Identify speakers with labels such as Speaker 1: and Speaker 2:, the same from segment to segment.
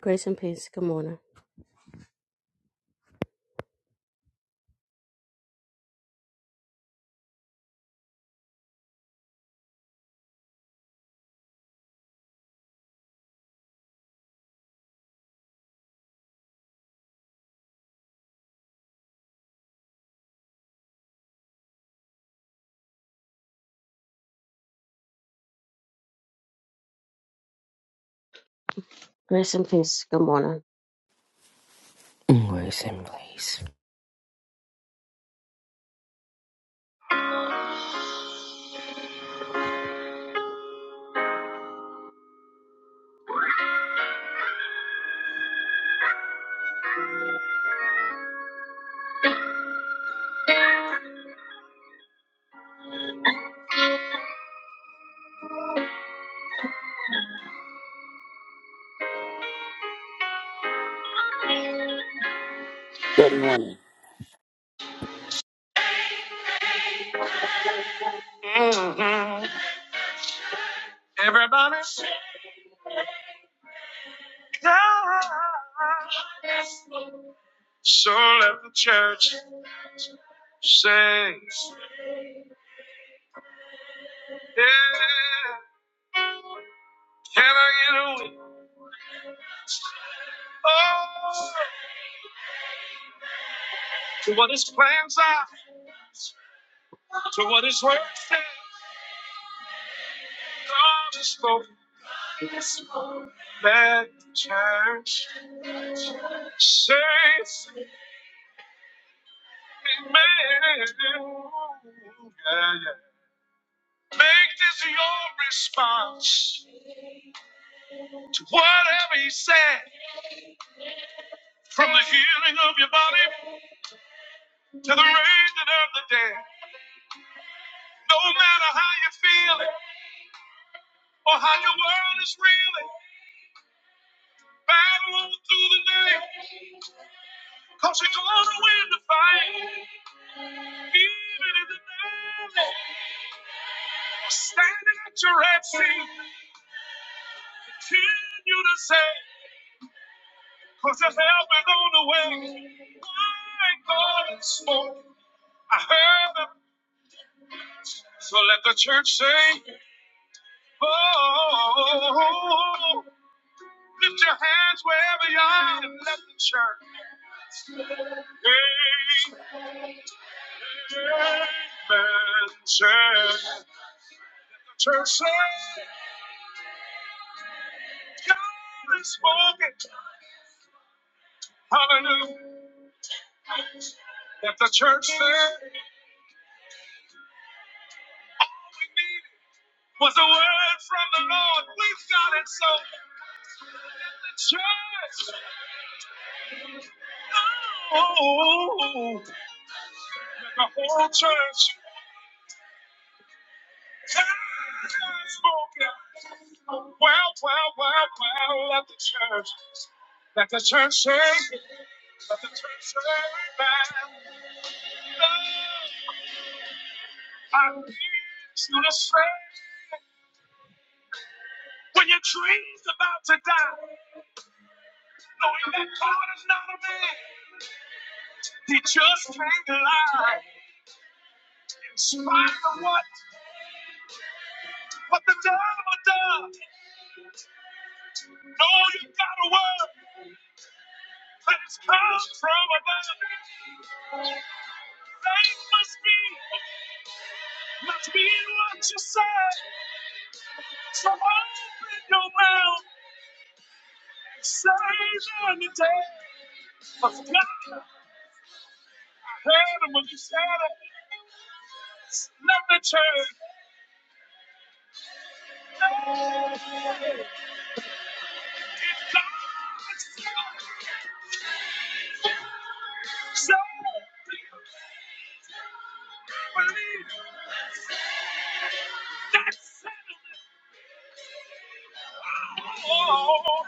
Speaker 1: Grace and peace. Good morning. Grace and peace. Good morning.
Speaker 2: Grace and grace.
Speaker 3: Good morning.
Speaker 1: Mhm. Everybody sing. So let the church sing. Yeah. Can I get a witness? Oh, to what his plans are, to what his word says. God is spoken. Let the church sing. Amen. Yeah, yeah. Make this your response. to whatever he said. From the healing of your body to the raising of the dead. No matter how you're feeling or how your world is reeling, battle on through the day. Cause you're gonna win the fight. Even in the valley, standing at your red sea, continue to say, cause your help is on the way. My God spoke, I heard them. So let the church sing. Oh, lift your hands wherever you are and let the church. Amen. Say, the church say, God is spoken. Hallelujah. Let the church say, all we need was a word from the Lord. We've got it, so let the church. Oh, let the whole church. Well, well, well, well, let the church, let the church say, let the church say that love, I need you to say, when your dream's about to die, knowing that God is not a man, he just can't lie. In spite of what, what the devil does, know you got a word, but it's come from above. Faith must be, must be in what you say. So open your mouth, and say them today. Cause God, I heard him when you said it. It's not the church. If God said, so believe. That's settlement. Oh,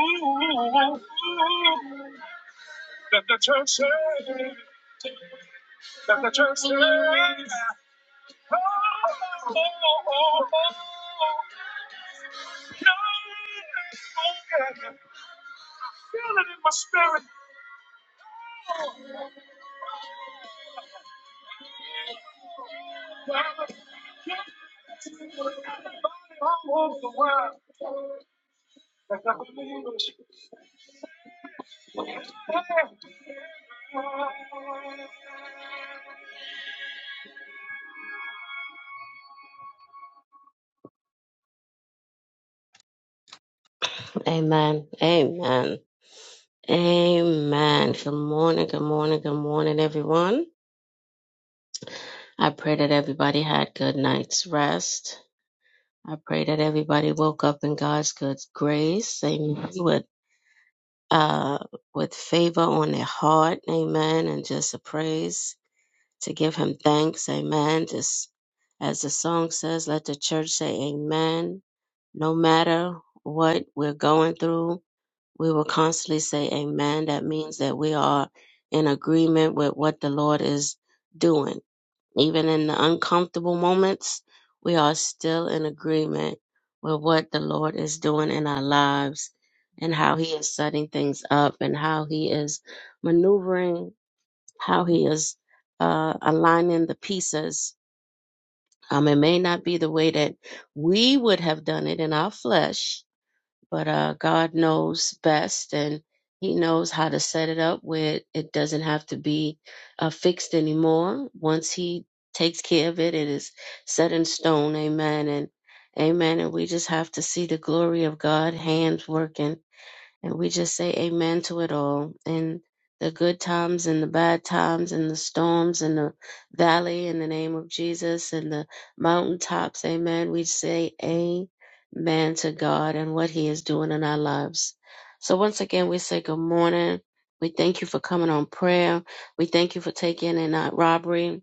Speaker 1: ooh, ooh, ooh. Let the church say. that the church said, oh, oh, oh, oh. No, I do Feel it in my spirit. all over the world that I believe Amen. Amen. Amen. Good morning. Good morning. Good morning, everyone. I pray that everybody had good night's rest. I pray that everybody woke up in God's good grace, amen, with uh with favor on their heart, amen, and just a praise to give him thanks, amen. Just as the song says, let the church say amen. No matter what we're going through, we will constantly say amen. That means that we are in agreement with what the Lord is doing. Even in the uncomfortable moments, we are still in agreement with what the Lord is doing in our lives and how He is setting things up and how He is maneuvering, how He is uh, aligning the pieces. Um, it may not be the way that we would have done it in our flesh, but uh, God knows best and He knows how to set it up where it doesn't have to be uh, fixed anymore. Once He takes care of it, it is set in stone. Amen. And amen. And we just have to see the glory of God, hands working and we just say amen to it all. In the good times and the bad times and the storms and the valley in the name of Jesus and the mountaintops, amen. We say amen to God and what he is doing in our lives. So once again, we say good morning. We thank you for coming on prayer. We thank you for taking in our robbery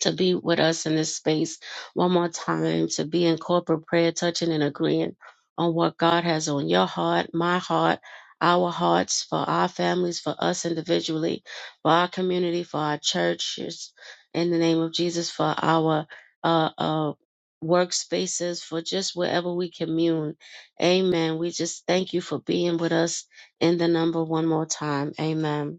Speaker 1: to be with us in this space one more time, to be in corporate prayer, touching and agreeing on what God has on your heart, my heart, our hearts, for our families, for us individually, for our community, for our churches, in the name of Jesus, for our uh, uh, workspaces, for just wherever we commune. Amen. We just thank you for being with us in the number one more time. Amen.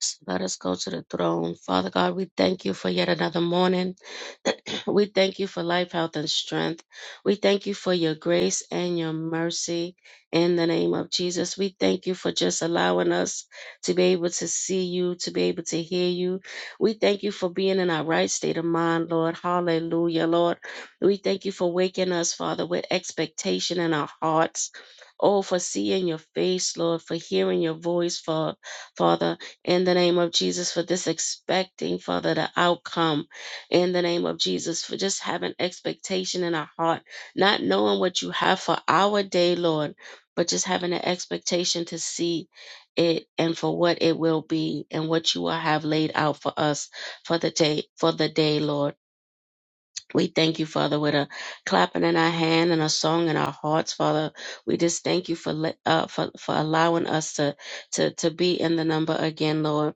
Speaker 1: So let us go to the throne. Father God, we thank you for yet another morning. we thank you for life, health, and strength. We thank you for your grace and your mercy in the name of Jesus. We thank you for just allowing us to be able to see you, to be able to hear you. We thank you for being in our right state of mind, Lord. Hallelujah, Lord. We thank you for waking us, Father, with expectation in our hearts. Oh, for seeing your face, Lord, for hearing your voice, for Father in the name of Jesus for this expecting, Father, the outcome in the name of Jesus for just having expectation in our heart, not knowing what you have for our day, Lord, but just having an expectation to see it and for what it will be and what you will have laid out for us for the day, for the day, Lord. We thank you, Father, with a clapping in our hand and a song in our hearts, Father. We just thank you for let- uh, for for allowing us to to to be in the number again, Lord.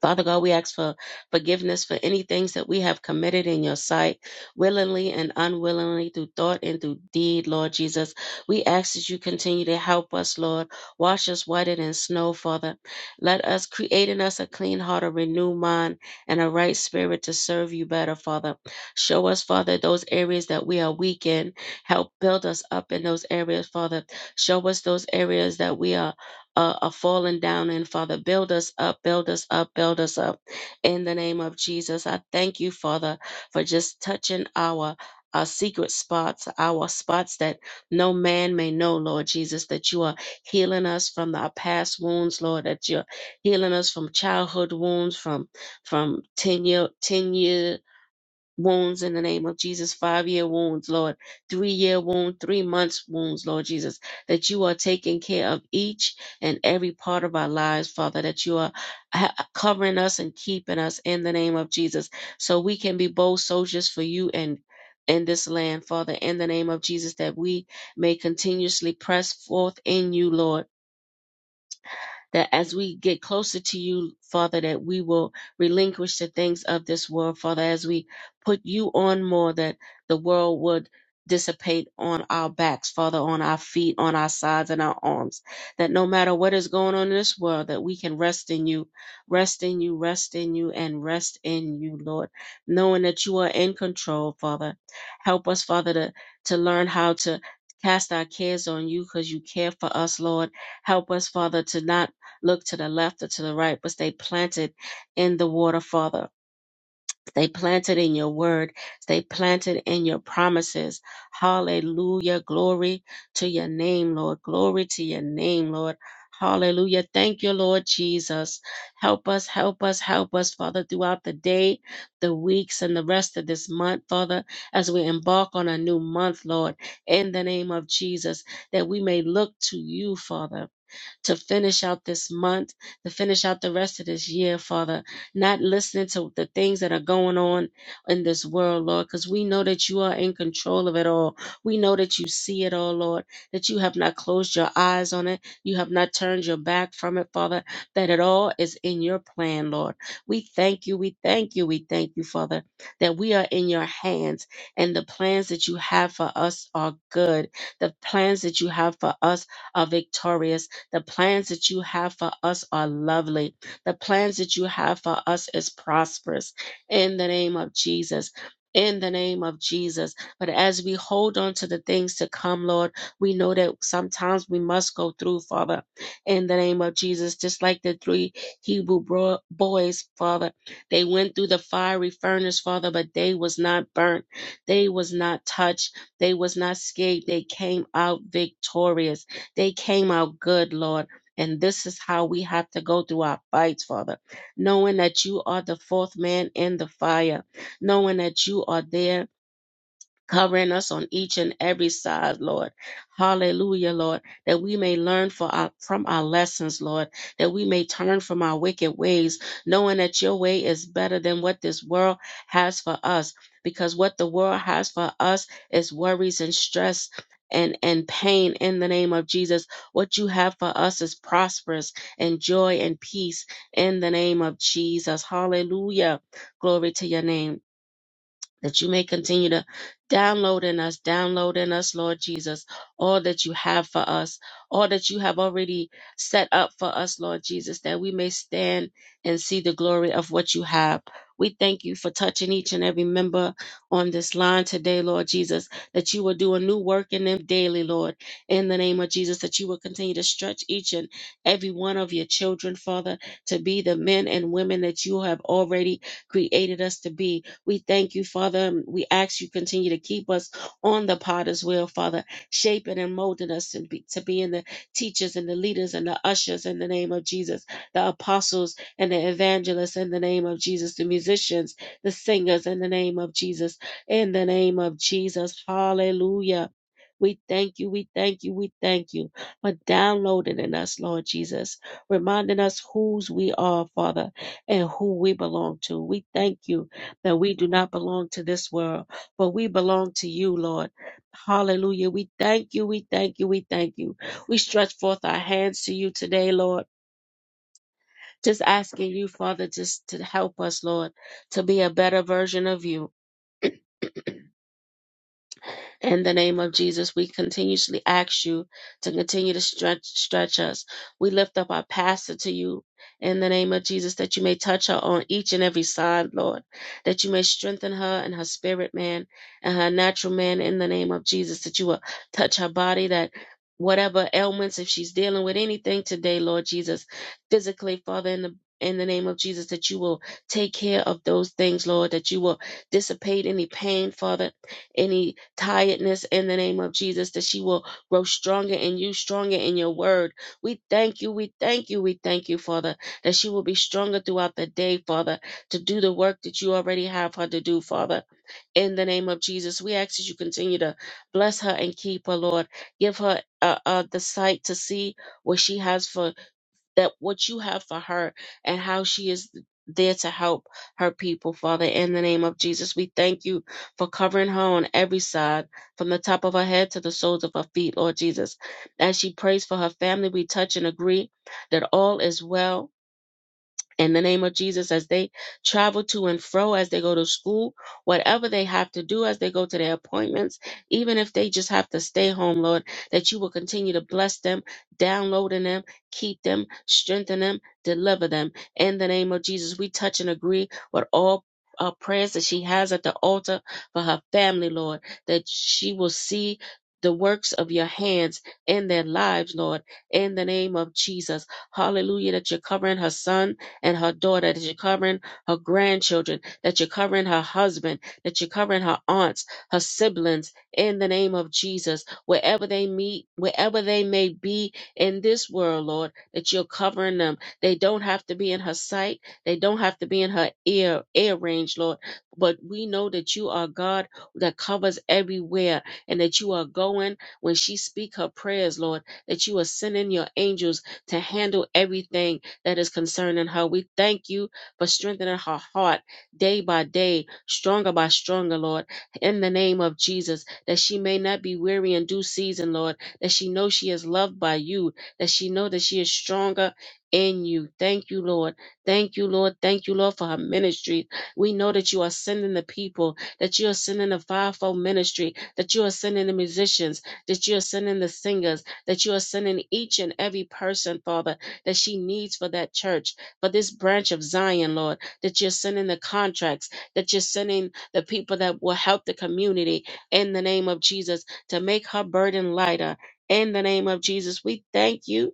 Speaker 1: Father God, we ask for forgiveness for any things that we have committed in your sight, willingly and unwillingly, through thought and through deed, Lord Jesus. We ask that you continue to help us, Lord. Wash us whiter than snow, Father. Let us create in us a clean heart, a renewed mind, and a right spirit to serve you better, Father. Show us, Father, those areas that we are weak in. Help build us up in those areas, Father. Show us those areas that we are uh, are falling down in, Father. Build us up, build us up, build us up in the name of Jesus. I thank you, Father, for just touching our. Our secret spots, our spots that no man may know, Lord Jesus, that you are healing us from our past wounds, Lord, that you're healing us from childhood wounds, from from 10 year, 10 year wounds in the name of Jesus, five year wounds, Lord, three year wound, three months wounds, Lord Jesus, that you are taking care of each and every part of our lives, Father, that you are ha- covering us and keeping us in the name of Jesus, so we can be bold soldiers for you and in this land, Father, in the name of Jesus, that we may continuously press forth in you, Lord that as we get closer to you, Father, that we will relinquish the things of this world, Father, as we put you on more, that the world would dissipate on our backs, Father, on our feet, on our sides, and our arms. That no matter what is going on in this world, that we can rest in you, rest in you, rest in you, and rest in you, Lord, knowing that you are in control, Father. Help us, Father, to, to learn how to cast our cares on you because you care for us, Lord. Help us, Father, to not look to the left or to the right, but stay planted in the water, Father. Stay planted in your word. Stay planted in your promises. Hallelujah. Glory to your name, Lord. Glory to your name, Lord. Hallelujah. Thank you, Lord Jesus. Help us, help us, help us, Father, throughout the day, the weeks, and the rest of this month, Father, as we embark on a new month, Lord, in the name of Jesus, that we may look to you, Father to finish out this month, to finish out the rest of this year, Father. Not listening to the things that are going on in this world, Lord, because we know that you are in control of it all. We know that you see it all, Lord, that you have not closed your eyes on it. You have not turned your back from it, Father, that it all is in your plan, Lord. We thank you, we thank you, we thank you, Father, that we are in your hands and the plans that you have for us are good. The plans that you have for us are victorious the plans that you have for us are lovely. The plans that you have for us is prosperous in the name of Jesus. In the name of Jesus. But as we hold on to the things to come, Lord, we know that sometimes we must go through, Father, in the name of Jesus. Just like the three Hebrew bro- boys, Father, they went through the fiery furnace, Father, but they was not burnt. They was not touched. They was not scared. They came out victorious they came out good, Lord. And this is how we have to go through our fights, Father, knowing that you are the fourth man in the fire, knowing that you are there covering us on each and every side, Lord. Hallelujah, Lord, that we may learn for our, from our lessons, Lord, that we may turn from our wicked ways, knowing that your way is better than what this world has for us, because what the world has for us is worries and stress. And, and pain in the name of Jesus. What you have for us is prosperous and joy and peace in the name of Jesus. Hallelujah. Glory to your name that you may continue to download in us, download in us, Lord Jesus, all that you have for us, all that you have already set up for us, Lord Jesus, that we may stand and see the glory of what you have. We thank you for touching each and every member on this line today, Lord Jesus, that you will do a new work in them daily, Lord, in the name of Jesus, that you will continue to stretch each and every one of your children, Father, to be the men and women that you have already created us to be we thank you, Father. Um, We ask you continue to keep us on the potter's wheel, Father, shaping and molding us to be, to being the teachers and the leaders and the ushers in the name of Jesus, the apostles and the evangelists in the name of Jesus, the musicians, the singers in the name of Jesus, in the name of Jesus. Hallelujah. We thank you, we thank you, we thank you for downloading in us, Lord Jesus, reminding us whose we are, Father, and who we belong to. We thank you that we do not belong to this world, but we belong to you, Lord. Hallelujah. We thank you. We thank you. We thank you. We stretch forth our hands to you today, Lord. Just asking you, Father, just to help us, Lord, to be a better version of you In the name of Jesus, we continuously ask you to continue to stretch, stretch us. We lift up our pastor to you in the name of Jesus that you may touch her on each and every side, Lord, that you may strengthen her and her spirit man and her natural man in the name of Jesus, that you will touch her body, that whatever ailments, if she's dealing with anything today, Lord Jesus, physically, Father, in the in the name of Jesus, that you will take care of those things, Lord, that you will dissipate any pain, Father, any tiredness in the name of Jesus, that she will grow stronger in you, stronger in your word. We thank you, we thank you, we thank you, Father, that she will be stronger throughout the day, Father, to do the work that you already have her to do, Father. In the name of Jesus, we ask that you continue to bless her and keep her, Lord. Give her uh, uh, the sight to see what she has for that what you have for her and how she is there to help her people, Father, in the name of Jesus. We thank you for covering her on every side, from the top of her head to the soles of her feet, Lord Jesus. As she prays for her family, we touch and agree that all is well in the name of Jesus as they travel to and fro, as they go to school, whatever they have to do as they go to their appointments, even if they just have to stay home, Lord, that you will continue to bless them, download in them, keep them, strengthen them, deliver them. In the name of Jesus, we touch and agree with all. Uh, prayers that she has at the altar for her family, Lord, that she will see the works of your hands in their lives, Lord, in the name of Jesus. Hallelujah, that you're covering her son, and her daughter, that you're covering her grandchildren, that you're covering her husband, that you're covering her aunts, her siblings, in the name of Jesus, wherever they meet, wherever they may be in this world, Lord, that you're covering them. They don't have to be in her sight, they don't have to be in her ear, ear range, Lord. But we know that you are God that covers everywhere and that you are going when she speak her prayers, Lord, that you are sending your angels to handle everything that is concerning her. We thank you for strengthening her heart day by day, stronger by stronger, Lord, in the name of Jesus, that she may not be weary in due season, Lord, that she know she is loved by you, that she know that she is stronger in you. Thank you, Lord. Thank you, Lord. Thank you, Lord, for her ministry. We know that you are sending the people, that you are sending the fivefold ministry, that you are sending the musicians, that you are sending the singers, that you are sending each and every person, Father, that she needs for that church, for this branch of Zion, Lord, that you're sending the contracts, that you're sending the people that will help the community in the name of Jesus to make her burden lighter. In the name of Jesus, we thank you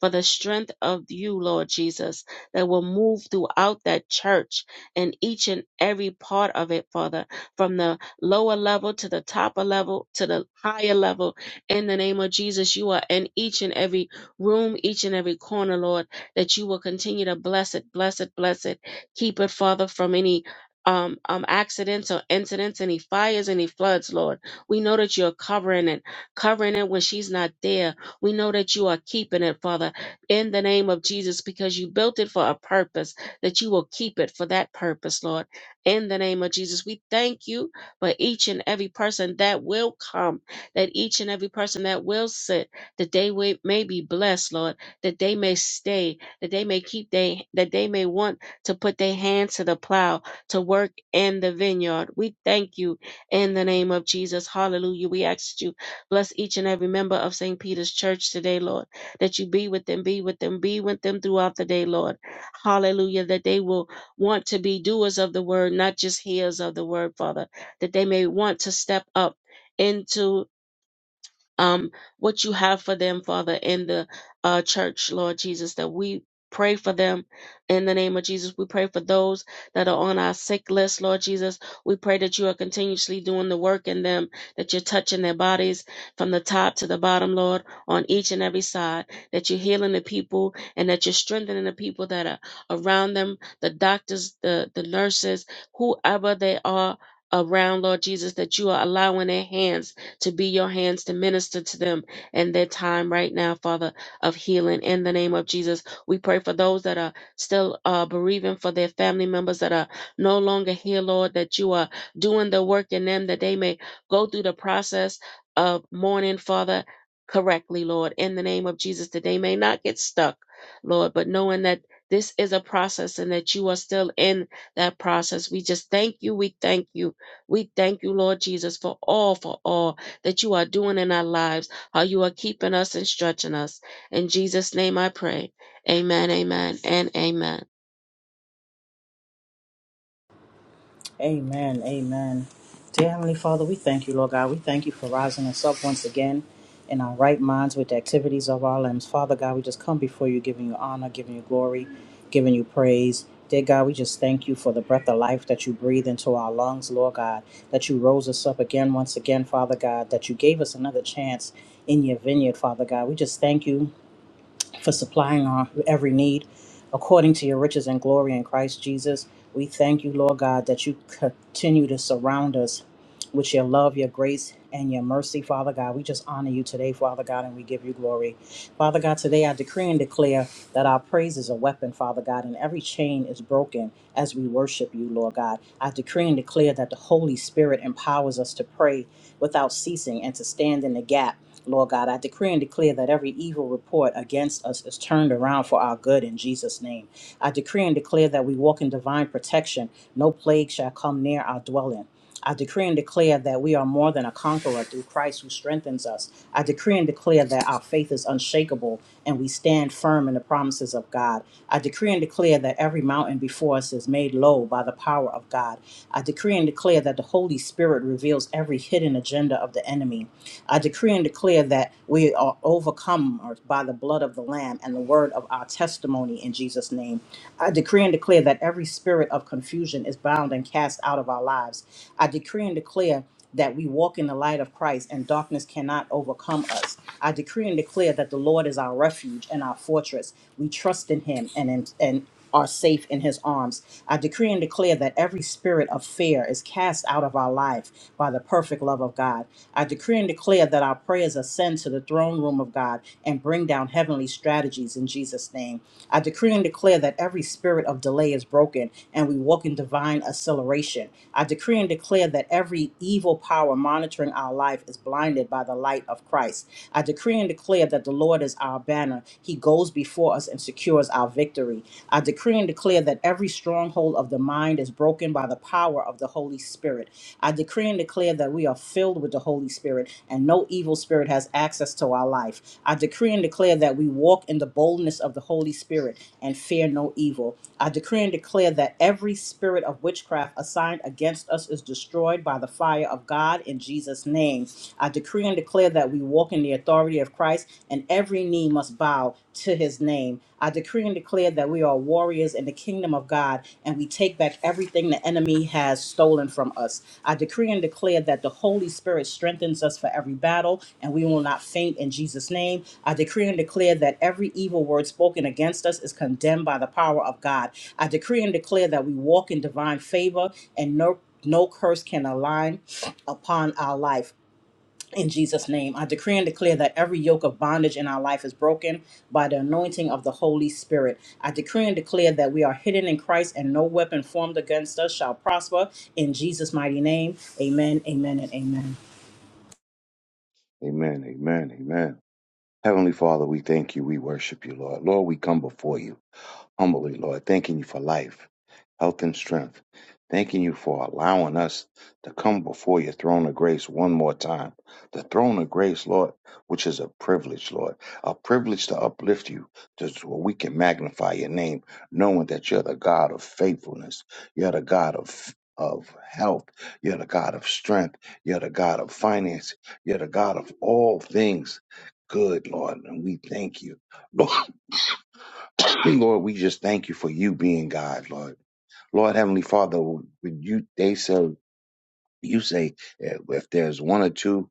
Speaker 1: for the strength of you, Lord Jesus, that will move throughout that church and each and every part of it, Father, from the lower level to the top of level to the higher level. In the name of Jesus, you are in each and every room, each and every corner, Lord, that you will continue to bless it, bless it, bless it. Keep it, Father, from any um, um, accidents or incidents, any fires, any floods, Lord. We know that you're covering it, covering it when she's not there. We know that you are keeping it, Father in the name of Jesus because you built it for a purpose, that you will keep it for that purpose, Lord. In the name of Jesus, we thank you for each and every person that will come, that each and every person that will sit, that they wi- may be blessed, Lord, that they may stay, that they may keep they that they may want to put their hands to the plow to work in the vineyard. We thank you in the name of Jesus. Hallelujah. We ask that you bless each and every member of St. Peter's Church today, Lord that you be with them, be with them, be with them throughout the day, Lord. Hallelujah. That they will want to be doers of the word, not just hearers of the word, Father. That they may want to step up. Into um, what you have for them, Father, in the uh, church, Lord Jesus, that we pray for them in the name of Jesus. We pray for those that are on our sick list, Lord Jesus. We pray that you are continuously doing the work in them, that you're touching their bodies from the top to the bottom, Lord, on each and every side, that you're healing the people and that you're strengthening the people that are around them, the doctors, the, the nurses, whoever they are around, Lord Jesus, that you are allowing their hands to be your hands to minister to them in their time right now, Father, of healing. In the name of Jesus, we pray for those that are still uh, bereaving, for their family members that are no longer here, Lord, that you are doing the work in them, that they may go through the process of mourning, Father, correctly, Lord, in the name of Jesus, that they may not get stuck, Lord, but knowing that. This is a process and that you are still in that process. We just thank you. We thank you. We thank you, Lord Jesus, for all, for all that you are doing in our lives, how you are keeping us and stretching us. In Jesus' name I pray. Amen, amen, and amen.
Speaker 4: Amen. Amen. Dear Heavenly Father, we thank you, Lord God. We thank you for rising us up once again in our right minds with the activities of our limbs. Father God, we just come before you, giving you honor, giving you glory, giving you praise. Dear God, we just thank you for the breath of life that you breathe into our lungs, Lord God, that you rose us up again, once again, Father God, that you gave us another chance in your vineyard, Father God. We just thank you for supplying our every need according to your riches and glory in Christ Jesus. We thank you, Lord God, that you continue to surround us with your love, your grace, and your mercy, Father God. We just honor you today, Father God, and we give you glory. Father God, today I decree and declare that our praise is a weapon, Father God, and every chain is broken as we worship you, Lord God. I decree and declare that the Holy Spirit empowers us to pray without ceasing and to stand in the gap Lord God, I decree and declare that every evil report against us is turned around for our good in Jesus' name. I decree and declare that we walk in divine protection. No plague shall come near our dwelling. I decree and declare that we are more than a conqueror through Christ who strengthens us. I decree and declare that our faith is unshakable and we stand firm in the promises of God. I decree and declare that every mountain before us is made low by the power of God. I decree and declare that the Holy Spirit reveals every hidden agenda of the enemy. I decree and declare that we are overcome by the blood of the Lamb and the word of our testimony in Jesus' name. I decree and declare that every spirit of confusion is bound and cast out of our lives. I decree and declare that we walk in the light of Christ and darkness cannot overcome us. I decree and declare that the Lord is our refuge and our fortress. We trust in him and in, and are safe in his arms. I decree and declare that every spirit of fear is cast out of our life by the perfect love of God. I decree and declare that our prayers ascend to the throne room of God and bring down heavenly strategies in Jesus' name. I decree and declare that every spirit of delay is broken and we walk in divine acceleration. I decree and declare that every evil power monitoring our life is blinded by the light of Christ. I decree and declare that the Lord is our banner. He goes before us and secures our victory. I decree and declare that every stronghold of the mind is broken by the power of the Holy Spirit. I decree and declare that we are filled with the Holy Spirit and no evil spirit has access to our life. I decree and declare that we walk in the boldness of the Holy Spirit and fear no evil. I decree and declare that every spirit of witchcraft assigned against us is destroyed by the fire of God in Jesus' name. I decree and declare that we walk in the authority of Christ and every knee must bow to his name. I decree and declare that we are warriors in the kingdom of God and we take back everything the enemy has stolen from us. I decree and declare that the Holy Spirit strengthens us for every battle and we will not faint in Jesus' name. I decree and declare that every evil word spoken against us is condemned by the power of God. I decree and declare that we walk in divine favor and no no curse can align upon our life. In Jesus' name, I decree and declare that every yoke of bondage in our life is broken by the anointing of the Holy Spirit. I decree and declare that we are hidden in Christ and no weapon formed against us shall prosper. In Jesus' mighty name, amen, amen, and amen.
Speaker 5: Amen. Amen. Amen. Heavenly Father, we thank you. We worship you, Lord. Lord, we come before you humbly, Lord, thanking you for life, health, and strength. Thanking you for allowing us to come before your throne of grace one more time. The throne of grace, Lord, which is a privilege, Lord, a privilege to uplift you to so we can magnify your name, knowing that you're the God of faithfulness, you're the God of of health, you're the God of strength, you're the God of finance, you're the God of all things good, Lord, and we thank you. Dear Lord, we just thank you for you being God, Lord. Lord Heavenly Father, when you they said you say eh, if there's one or two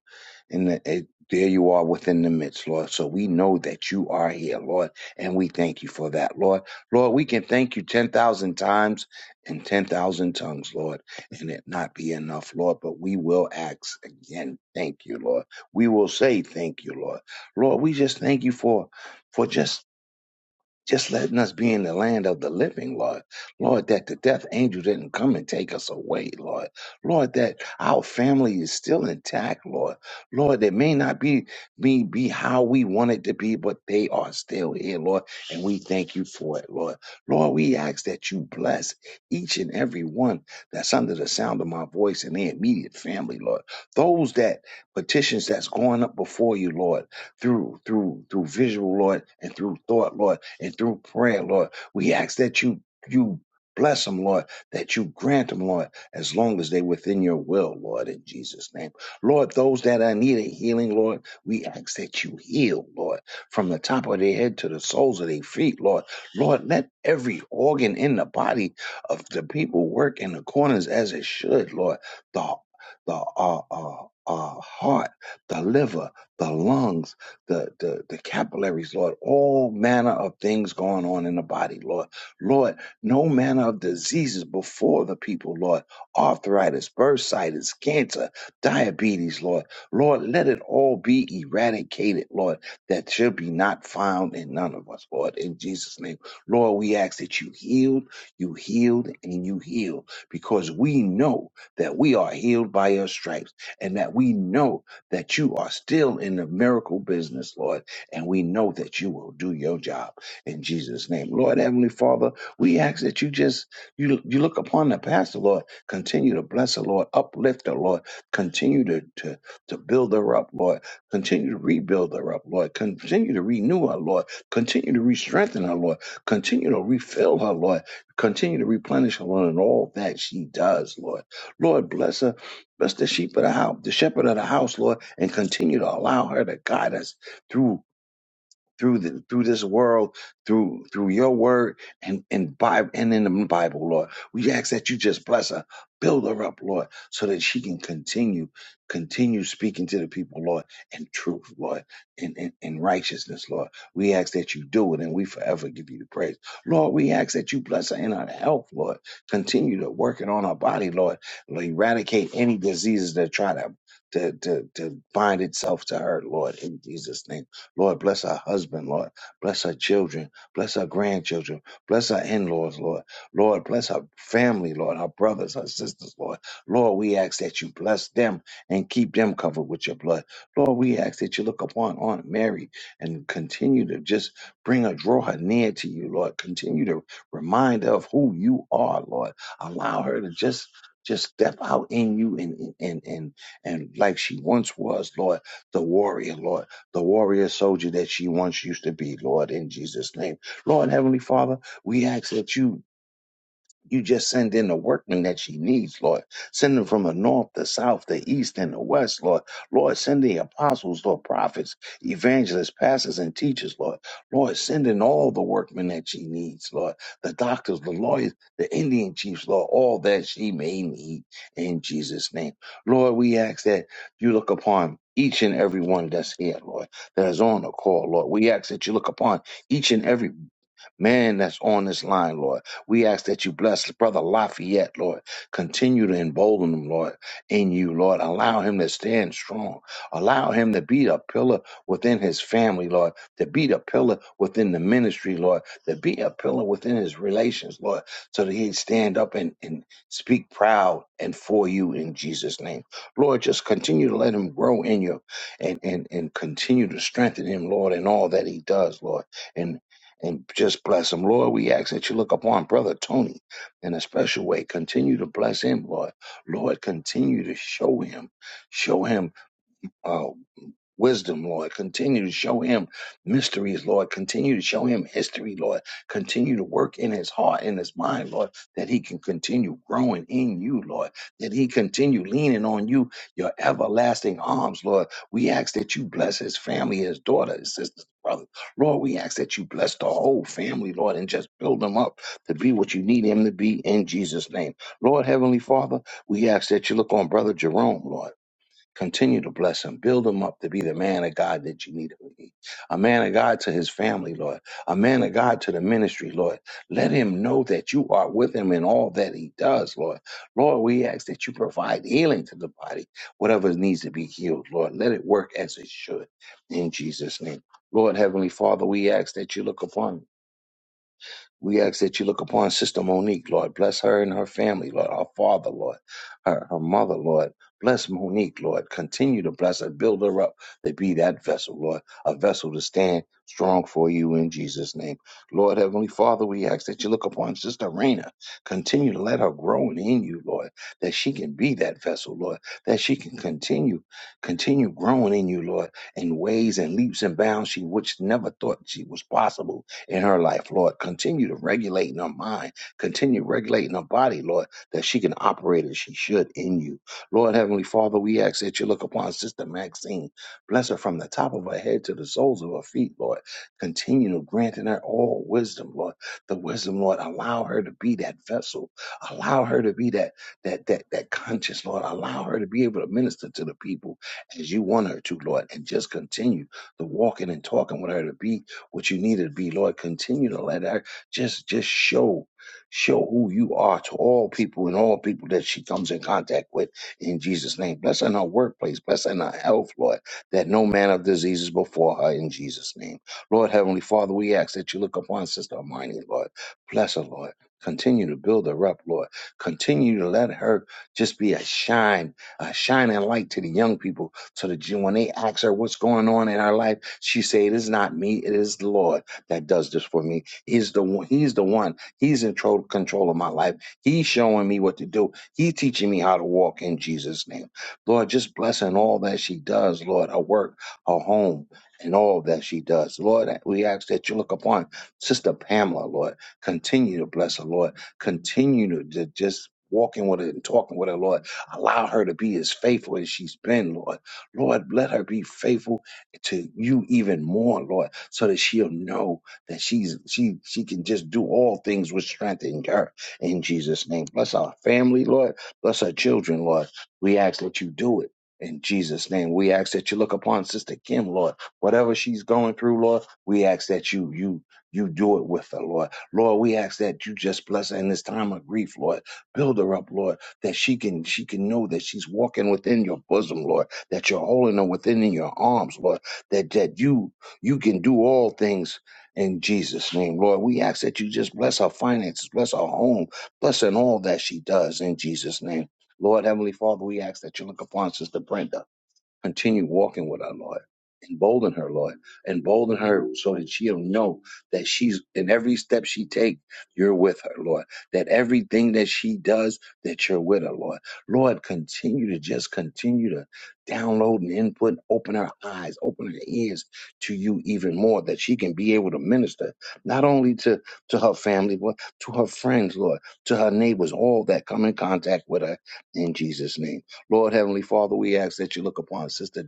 Speaker 5: and the, eh, there you are within the midst, Lord. So we know that you are here, Lord, and we thank you for that, Lord. Lord, we can thank you 10,000 times and 10,000 tongues, Lord, and it not be enough, Lord, but we will ask again, thank you, Lord. We will say thank you, Lord. Lord, we just thank you for for just just letting us be in the land of the living, Lord. Lord, that the death angel didn't come and take us away, Lord. Lord, that our family is still intact, Lord. Lord, it may not be be, be how we want it to be, but they are still here, Lord, and we thank you for it, Lord. Lord, we ask that you bless each and every one that's under the sound of my voice and their immediate family, Lord. Those that petitions that's going up before you, Lord, through through through visual, Lord, and through thought, Lord and through prayer, Lord. We ask that you you bless them, Lord, that you grant them, Lord, as long as they're within your will, Lord, in Jesus' name. Lord, those that are needing healing, Lord, we ask that you heal, Lord, from the top of their head to the soles of their feet, Lord. Lord, let every organ in the body of the people work in the corners as it should, Lord. The the uh, uh, uh, heart, the liver, the lungs, the, the, the capillaries, Lord, all manner of things going on in the body, Lord. Lord, no manner of diseases before the people, Lord. Arthritis, bursitis, cancer, diabetes, Lord. Lord, let it all be eradicated, Lord, that shall be not found in none of us, Lord. In Jesus' name, Lord, we ask that you healed, you healed, and you healed, because we know that we are healed by your stripes and that we know that you are still in the miracle business, Lord, and we know that you will do your job in Jesus' name. Lord Heavenly Father, we ask that you just you you look upon the pastor, Lord, continue to bless her, Lord, uplift her, Lord, continue to to, to build her up, Lord, continue to rebuild her up, Lord, continue to renew her, Lord, continue to re-strengthen her, Lord, continue to refill her, Lord, continue to replenish her, Lord, in all that she does, Lord. Lord, bless her Bless the sheep of the house, the shepherd of the house, Lord, and continue to allow her to guide us through through the, through this world, through through your word and and Bible and in the Bible, Lord. We ask that you just bless her, build her up, Lord, so that she can continue, continue speaking to the people, Lord, in truth, Lord, in, in, in righteousness, Lord. We ask that you do it and we forever give you the praise. Lord, we ask that you bless her in her health, Lord. Continue to work it on her body, Lord. Lord, Eradicate any diseases that try to to, to, to bind itself to her, Lord, in Jesus' name. Lord, bless our husband, Lord. Bless our children. Bless our grandchildren. Bless our in laws, Lord. Lord, bless our family, Lord. Our brothers, our sisters, Lord. Lord, we ask that you bless them and keep them covered with your blood. Lord, we ask that you look upon Aunt Mary and continue to just bring her, draw her near to you, Lord. Continue to remind her of who you are, Lord. Allow her to just just step out in you and and and and like she once was, Lord, the warrior, Lord the warrior soldier that she once used to be, Lord, in Jesus' name. Lord, Heavenly Father, we ask that you you just send in the workmen that she needs, Lord. Send them from the north, the south, the east, and the west, Lord. Lord, send the apostles, Lord, prophets, evangelists, pastors, and teachers, Lord. Lord, send in all the workmen that she needs, Lord. The doctors, the lawyers, the Indian chiefs, Lord, all that she may need in Jesus' name. Lord, we ask that you look upon each and every one that's here, Lord, that is on the call, Lord. We ask that you look upon each and every man that's on this line, Lord. We ask that you bless Brother Lafayette, Lord. Continue to embolden him, Lord, in you, Lord. Allow him to stand strong. Allow him to be a pillar within his family, Lord. To be a pillar within the ministry, Lord. To be a pillar within his relations, Lord. So that he'd stand up and, and speak proud and for you in Jesus' name. Lord, just continue to let him grow in you and, and, and continue to strengthen him, Lord, in all that he does, Lord and and just bless him. Lord, we ask that you look upon Brother Tony in a special way. Continue to bless him, Lord. Lord, continue to show him. Show him. uh, wisdom, Lord. Continue to show him mysteries, Lord. Continue to show him history, Lord. Continue to work in his heart, in his mind, Lord, that he can continue growing in you, Lord. That he continue leaning on you, your everlasting arms, Lord. We ask that you bless his family, his daughter, his sisters, brothers. Lord, we ask that you bless the whole family, Lord, and just build them up to be what you need him to be in Jesus' name. Lord, Heavenly Father, we ask that you look on Brother Jerome, Lord. Continue to bless him. Build him up to be the man of God that you need him to be. A man of God to his family, Lord. A man of God to the ministry, Lord. Let him know that you are with him in all that he does, Lord. Lord, we ask that you provide healing to the body, whatever needs to be healed, Lord. Let it work as it should. In Jesus' name. Lord, Heavenly Father, we ask that you look upon him. We ask that you look upon Sister Monique, Lord. Bless her and her family, Lord. Her father, Lord. Her, her mother, Lord. Bless Monique, Lord. Continue to bless her. Build her up to be that vessel, Lord. A vessel to stand strong for you in Jesus' name. Lord, Heavenly Father, we ask that you look upon Sister Raina. Continue to let her grow in you, Lord. That she can be that vessel, Lord. That she can continue, continue growing in you, Lord, in ways and leaps and bounds she which never thought she was possible in her life, Lord. Continue to regulate in her mind, continue regulating her body, Lord, that she can operate as she should in you. Lord Heavenly Father, we ask that you look upon Sister Maxine. Bless her from the top of her head to the soles of her feet, Lord. Continue to grant in her all wisdom, Lord. The wisdom, Lord, allow her to be that vessel. Allow her to be that that that that conscious, Lord. Allow her to be able to minister to the people as you want her to, Lord, and just continue the walking and talking with her to be what you need it to be, Lord. Continue to let her just just show show who you are to all people and all people that she comes in contact with in Jesus' name. Bless her in her workplace, bless her in her health, Lord, that no man of disease is before her in Jesus' name. Lord Heavenly Father, we ask that you look upon Sister Armani, Lord. Bless her, Lord. Continue to build her up, Lord. Continue to let her just be a shine, a shining light to the young people so that you, when they ask her what's going on in her life, she say, "It is not me. It is the Lord that does this for me. He's the one. He's the one. He's in tro- control of my life. He's showing me what to do. He's teaching me how to walk in Jesus' name. Lord, just blessing all that she does, Lord, her work, her home, and all that she does. Lord, we ask that you look upon Sister Pamela, Lord. Continue to bless her, Lord. Continue to, to just walking with her and talking with her, Lord. Allow her to be as faithful as she's been, Lord Lord, let her be faithful to you even more, Lord, so that she'll know that she's she she can just do all things with strength in her. In Jesus' name. Bless our family, Lord. Bless our children, Lord. We ask that you do it. In Jesus' name, we ask that you look upon Sister Kim, Lord. Whatever she's going through, Lord, we ask that you you you do it with her, Lord. Lord, we ask that you just bless her in this time of grief, Lord. Build her up, Lord, that she can she can know that she's walking within your bosom, Lord that you're holding them within your arms, Lord, that, that you you can do all things in Jesus' name, Lord. We ask that you just bless our finances, bless our home, bless in all that she does in Jesus' name. Lord Heavenly Father, we ask that you look upon Sister Brenda continue walking with her, Lord. Embolden her, Lord. Embolden her so that she'll know that she's in every step she takes, you're with her, Lord. That everything that she does, that you're with her, Lord. Lord, continue to just continue to download and input, open her eyes, open her ears to you even more, that she can be able to minister not only to, to her family, but to her friends, Lord, to her neighbors, all that come in contact with her in Jesus' name. Lord Heavenly Father, we ask that you look upon Sister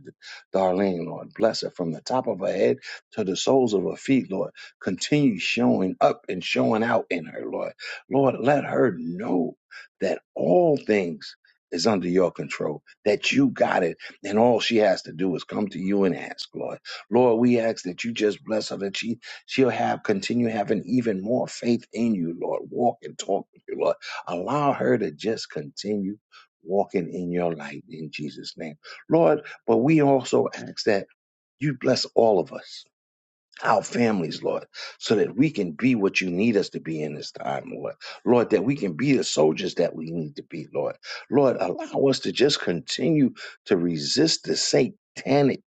Speaker 5: Darlene, Lord. Bless her from the top of her head to the soles of her feet, Lord. Continue showing up and showing out in her, Lord. Lord, let her know that all things is under your control, that you got it, and all she has to do is come to you and ask, Lord. Lord, we ask that you just bless her, that she she'll have continue having even more faith in you, Lord. Walk and talk with you, Lord. Allow her to just continue walking in your light in Jesus' name. Lord, but we also ask that you bless all of us, our families, Lord, so that we can be what you need us to be in this time, Lord. Lord, that we can be the soldiers that we need to be, Lord. Lord, allow us to just continue to resist the satanic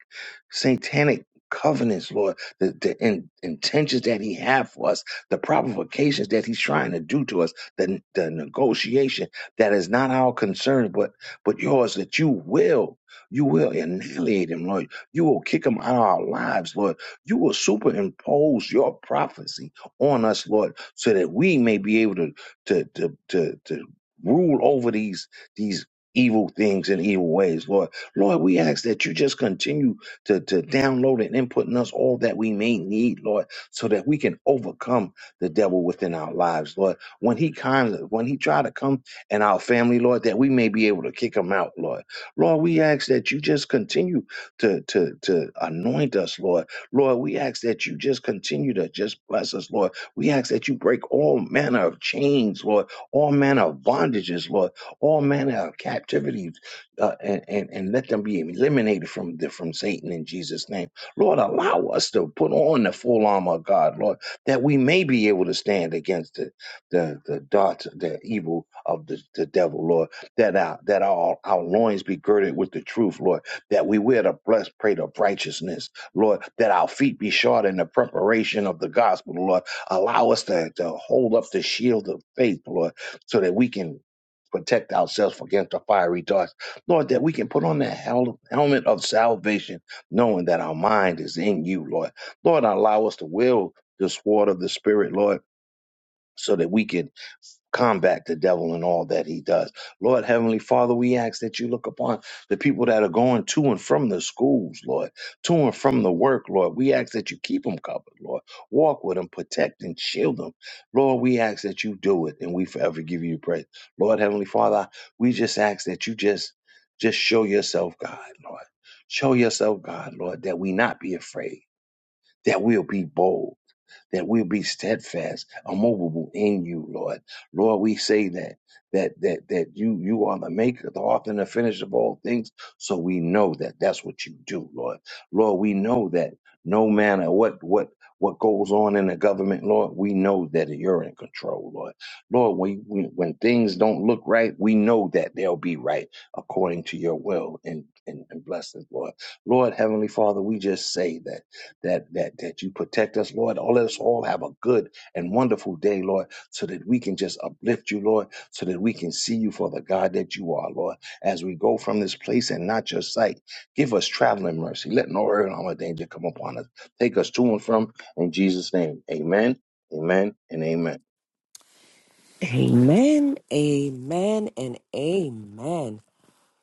Speaker 5: satanic covenants, Lord, the, the in, intentions that he had for us, the provocations that he's trying to do to us, the, the negotiation that is not our concern, but but yours, that you will, you will annihilate him, Lord. You will kick him out of our lives, Lord. You will superimpose your prophecy on us, Lord, so that we may be able to to to to, to rule over these these evil things and evil ways, Lord. Lord, we ask that you just continue to, to download and input in us all that we may need, Lord, so that we can overcome the devil within our lives, Lord. When he comes, when he try to come in our family, Lord, that we may be able to kick him out, Lord. Lord, we ask that you just continue to, to, to anoint us, Lord. Lord, we ask that you just continue to just bless us, Lord. We ask that you break all manner of chains, Lord, all manner of bondages, Lord, all manner of captivity, uh, and, and and let them be eliminated from the, from Satan in Jesus' name. Lord, allow us to put on the full armor of God, Lord, that we may be able to stand against the the, the darts, the evil of the, the devil, Lord. That our that our our loins be girded with the truth, Lord. That we wear the breastplate of righteousness, Lord. That our feet be shod in the preparation of the gospel, Lord. Allow us to, to hold up the shield of faith, Lord, so that we can protect ourselves against the fiery darts Lord, that we can put on the hel- helmet of salvation, knowing that our mind is in you, Lord. Lord, allow us to will the sword of the Spirit, Lord, so that we can combat the devil and all that he does. Lord Heavenly Father, we ask that you look upon the people that are going to and from the schools, Lord, to and from the work, Lord. We ask that you keep them covered, Lord. Walk with them, protect and shield them. Lord, we ask that you do it and we forever give you praise. Lord Heavenly Father, we just ask that you just just show yourself God, Lord. Show yourself God, Lord, that we not be afraid, that we'll be bold that we'll be steadfast, immovable in you, Lord. Lord, we say that that that that you you are the maker, the author, and the finisher of all things. So we know that that's what you do, Lord. Lord, we know that no matter what what what goes on in the government, Lord, we know that you're in control, Lord. Lord, when, when when things don't look right, we know that they'll be right according to your will and, and, and blessings, Lord. Lord, Heavenly Father, we just say that that that that you protect us, Lord. Oh, let us all have a good and wonderful day, Lord, so that we can just uplift you, Lord, so that we can see you for the God that you are, Lord. As we go from this place and not your sight, give us traveling mercy. Let no hurt, harm, or danger come upon us. Take us to and from in Jesus' name. Amen. Amen and amen.
Speaker 2: Amen, amen, and amen.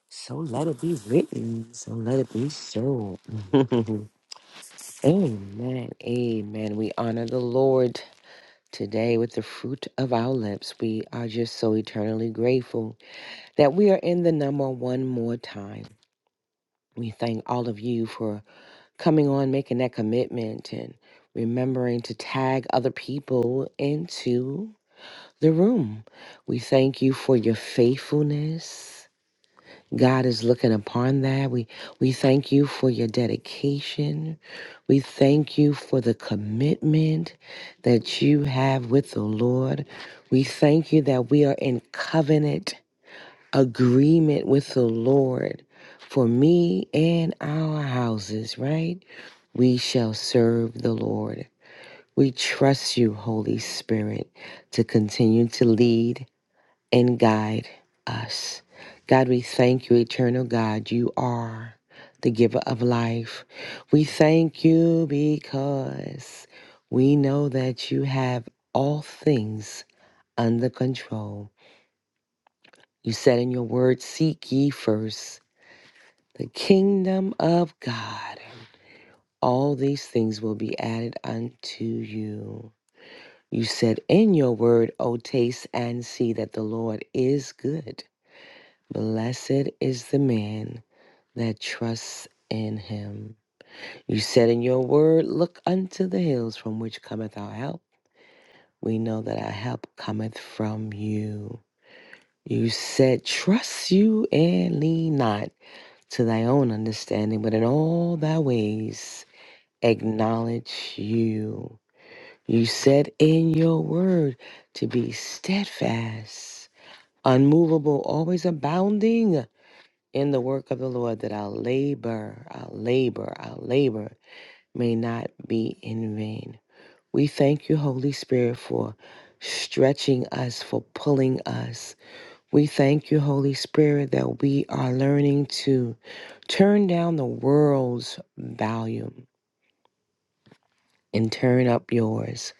Speaker 2: So let it be written. So let it be so. amen, amen. We honor the Lord today with the fruit of our lips. We are just so eternally grateful that we are in the number one more time. We thank all of you for coming on, making that commitment, and remembering to tag other people into. the room. We thank you for your faithfulness. God is looking upon that. We we thank you for your dedication. We thank you for the commitment that you have with the Lord. We thank you that we are in covenant agreement with the Lord. For me and our houses, right? We shall serve the Lord. We trust you, Holy Spirit, to continue to lead and guide us. God, we thank you, eternal God. You are the giver of life. We thank you because we know that you have all things under control. You said in your word, Seek ye first the kingdom of God. All these things will be added unto you. You said in your word, O taste and see that the Lord is good. Blessed is the man that trusts in him. You said in your word, Look unto the hills from which cometh our help. We know that our help cometh from you. You said, Trust you and lean not to thy own understanding, but in all thy ways acknowledge you. You said in your word to be steadfast, unmovable, always abounding in the work of the Lord, that our labor, our labor, our labor may not be in vain. We thank you, Holy Spirit, for stretching us, for pulling us. We thank you, Holy Spirit, that we are learning to turn down the world's volume and turn up yours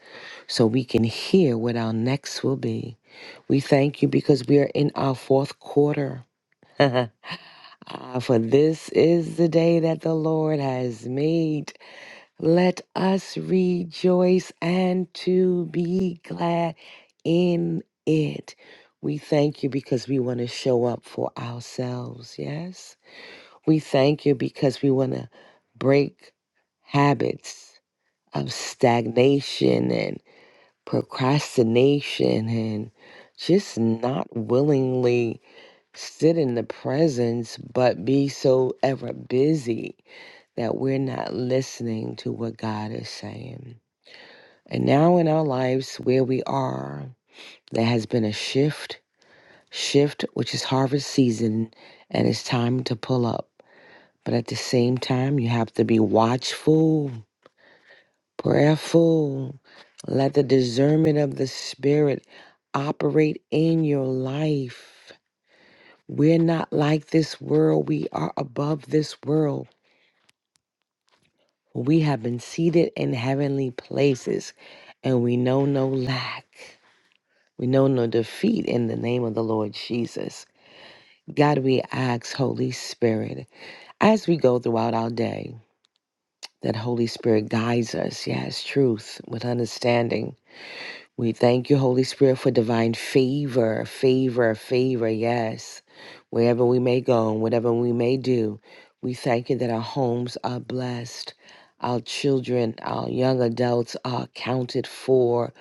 Speaker 2: so we can hear what our next will be. We thank you because we are in our fourth quarter. Ah, for this is the day that the Lord has made. Let us rejoice and to be glad in it. We thank you because we want to show up for ourselves, yes? We thank you because we want to break habits of stagnation and procrastination and just not willingly sit in the presence but be so ever busy that we're not listening to what God is saying. And now in our lives where we are, there has been a shift, shift which is harvest season and it's time to pull up. But at the same time, you have to be watchful, prayerful. Let the discernment of the spirit operate in your life. We're not like this world. We are above this world. We have been seated in heavenly places and we know no lack. We know no defeat in the name of the Lord Jesus. God, we ask, Holy Spirit, as we go throughout our day, that Holy Spirit guides us, yes, truth with understanding. We thank you, Holy Spirit, for divine favor, favor, favor, yes. Wherever we may go and whatever we may do, we thank you that our homes are blessed, our children, our young adults are accounted for.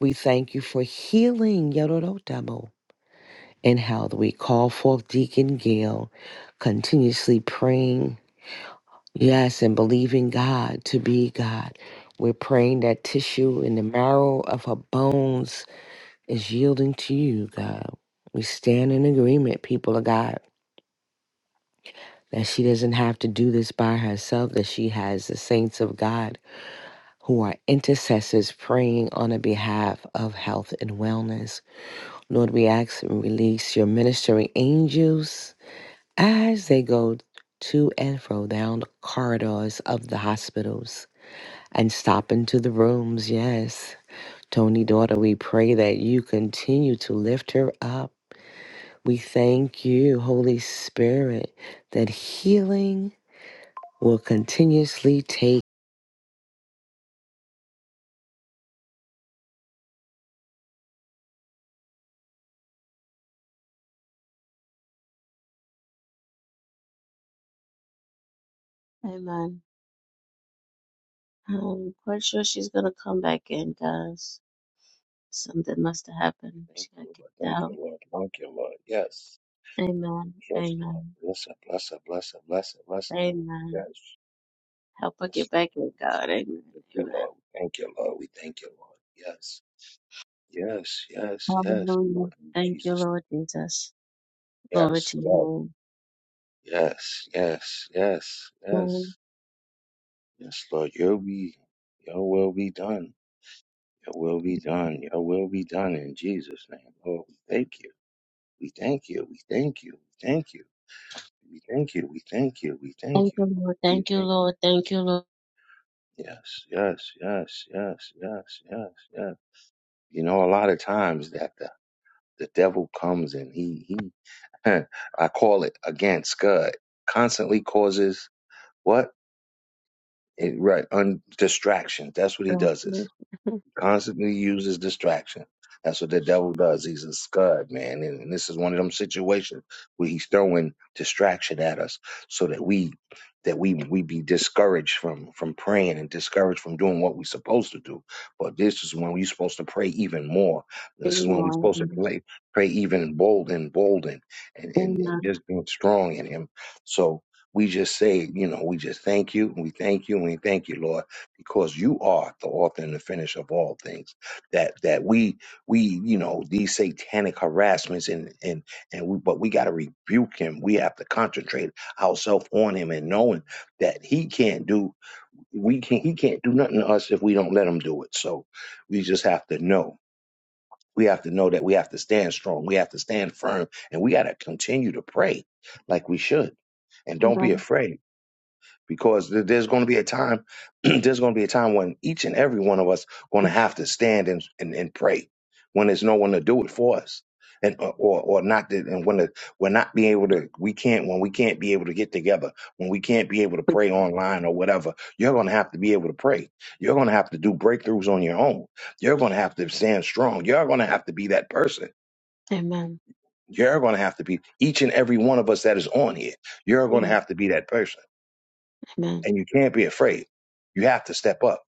Speaker 2: We thank you for healing, Yorodotamo. and how we call forth Deacon Gale, continuously praying, yes, and believing God to be God. We're praying that tissue in the marrow of her bones is yielding to you, God. We stand in agreement, people of God, that she doesn't have to do this by herself, that she has the saints of God who are intercessors praying on the behalf of health and wellness. Lord, we ask and release your ministering angels As they go to and fro down the corridors of the hospitals and stop into the rooms, yes. Tony, daughter, we pray that you continue to lift her up. We thank you, Holy Spirit, that healing will continuously take.
Speaker 1: Amen. I'm quite sure she's gonna come back in, guys. Something must have happened. She
Speaker 5: Thank
Speaker 1: got
Speaker 5: you,
Speaker 1: kicked
Speaker 5: Lord. Thank
Speaker 1: out.
Speaker 5: you, Lord. Thank you, Lord. Yes.
Speaker 1: Amen.
Speaker 5: Yes, Lord.
Speaker 1: Amen.
Speaker 5: Bless her, bless her, bless her, bless her, bless her, Lord.
Speaker 1: Amen.
Speaker 5: Yes.
Speaker 1: Help her
Speaker 5: Yes,
Speaker 1: get
Speaker 5: Lord.
Speaker 1: back in, God. Amen.
Speaker 5: Yes,
Speaker 1: Amen.
Speaker 5: Lord. Thank you, Lord. We Thank you, Lord. We thank you, Lord. Yes. Yes, yes, yes,
Speaker 1: Hallelujah.
Speaker 5: Lord. In
Speaker 1: Thank you,
Speaker 5: Jesus.
Speaker 1: Lord Jesus.
Speaker 5: name.
Speaker 1: Glory
Speaker 5: Yes,
Speaker 1: to your
Speaker 5: Lord.
Speaker 1: name.
Speaker 5: Yes, yes, yes,
Speaker 1: Lord,
Speaker 5: yes. Yes, Lord. Your be your will be done. Your will be done. Your will be done in Jesus' name. Lord, we thank you. We thank you. We thank you. We thank you. We thank you. We thank you. We thank
Speaker 1: Thank
Speaker 5: you.
Speaker 1: you,
Speaker 5: Lord.
Speaker 1: Lord.
Speaker 5: We
Speaker 1: Thank you,
Speaker 5: thank
Speaker 1: Lord. Thank you, Lord.
Speaker 5: Yes, yes, yes, yes, yes, yes, yes. You know, a lot of times that uh, the devil comes and he he I call it again scud constantly causes what it, right un, distractions. That's what he
Speaker 1: God
Speaker 5: does. is.
Speaker 1: bless you.
Speaker 5: Constantly uses distraction. That's what the devil does. He's a scud, man. And, and this is one of them situations where he's throwing distraction at us so that we that we we be discouraged from from praying and discouraged from doing what we're supposed to do. But this is when we're supposed to pray even more. This is when we're supposed to
Speaker 1: Amen.
Speaker 5: play, pray even bold and bold and, and, and
Speaker 1: Amen.
Speaker 5: just being strong in him. So we just say, you know, we just thank you and we thank you and we thank you, Lord because you are the author and the finish of all things that that we we you know these satanic harassments and and and we, but we got to rebuke him we have to concentrate ourselves on him and knowing that he can't do we can not he can't do nothing to us if we don't let him do it so we just have to know we have to know that we have to stand strong we have to stand firm and we got to continue to pray like we should and don't be
Speaker 1: Amen.
Speaker 5: afraid because th- there's going to be a time there's going to be a time when each and every one of us going to have to stand and, and, and pray when there's no one to do it for us and or or or not that and when the, we're not being able to we can't when we can't be able to get together when we can't be able to pray online or whatever you're going to have to be able to pray you're going to have to do breakthroughs on your own you're going to have to stand strong you're going to have to be that person
Speaker 1: Amen.
Speaker 5: you're going to have to be each and every one of us that is on here you're going to have to be that person
Speaker 1: Amen.
Speaker 5: and you can't be afraid. You have to step up.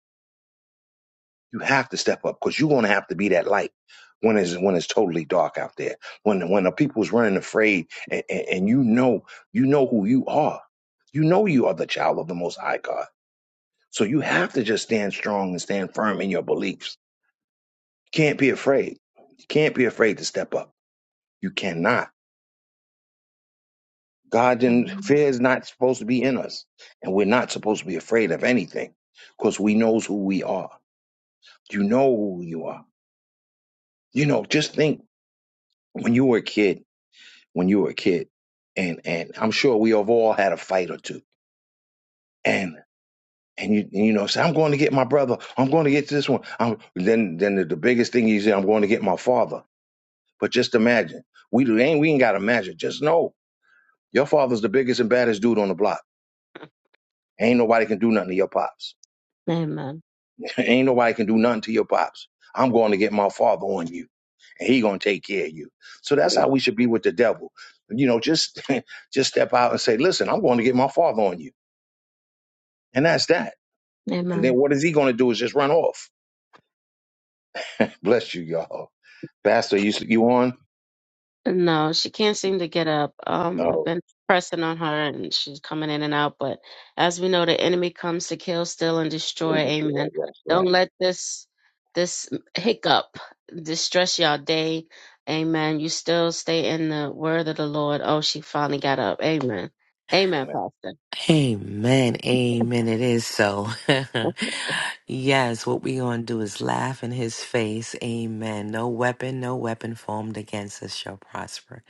Speaker 5: You have to step up because you're going to have to be that light when it's when it's totally dark out there. When when the people's running afraid, and, and, and you know you know who you are. You know you are the child of the Most High God. So you have to just stand strong and stand firm in your beliefs. You can't be afraid. You can't be afraid to step up. You cannot. God and fear is not supposed to be in us, and we're not supposed to be afraid of anything because we knows who we are. You know who you are You know, just think when you were a kid, when you were a kid, and and I'm sure we have all had a fight or two, and and you and you know say I'm going to get my brother, I'm going to get this one. I'm, then then the, the biggest thing you say I'm going to get my father. But just imagine we ain't we ain't got to imagine. Just know your father's the biggest and baddest dude on the block. Ain't nobody can do nothing to your pops.
Speaker 1: Amen.
Speaker 5: Ain't nobody can do nothing to your pops. I'm going to get my father on you, and he gonna take care of you. So that's how we should be with the devil. You know, just just step out and say, listen, I'm going to get my father on you, and that's that. And
Speaker 1: Amen.
Speaker 5: then what is he going to do? Is just run off. Bless you, y'all. Pastor, you you on?
Speaker 1: No, she can't seem to get up. Um, I've
Speaker 5: Oh,
Speaker 1: been pressing on her and she's coming in and out, but as we know, the enemy comes to kill, steal, and destroy.
Speaker 5: in
Speaker 1: Amen.
Speaker 5: Detroit, that's
Speaker 1: Don't
Speaker 5: right.
Speaker 1: let this this hiccup distress your day. Amen. You still stay in the word of the Lord. Oh, she finally got up. Amen. Amen,
Speaker 5: Amen.
Speaker 1: Pastor.
Speaker 2: Amen. Amen. It is so. yes, what we gonna do is laugh in his face. Amen. No weapon, no weapon formed against us shall prosper.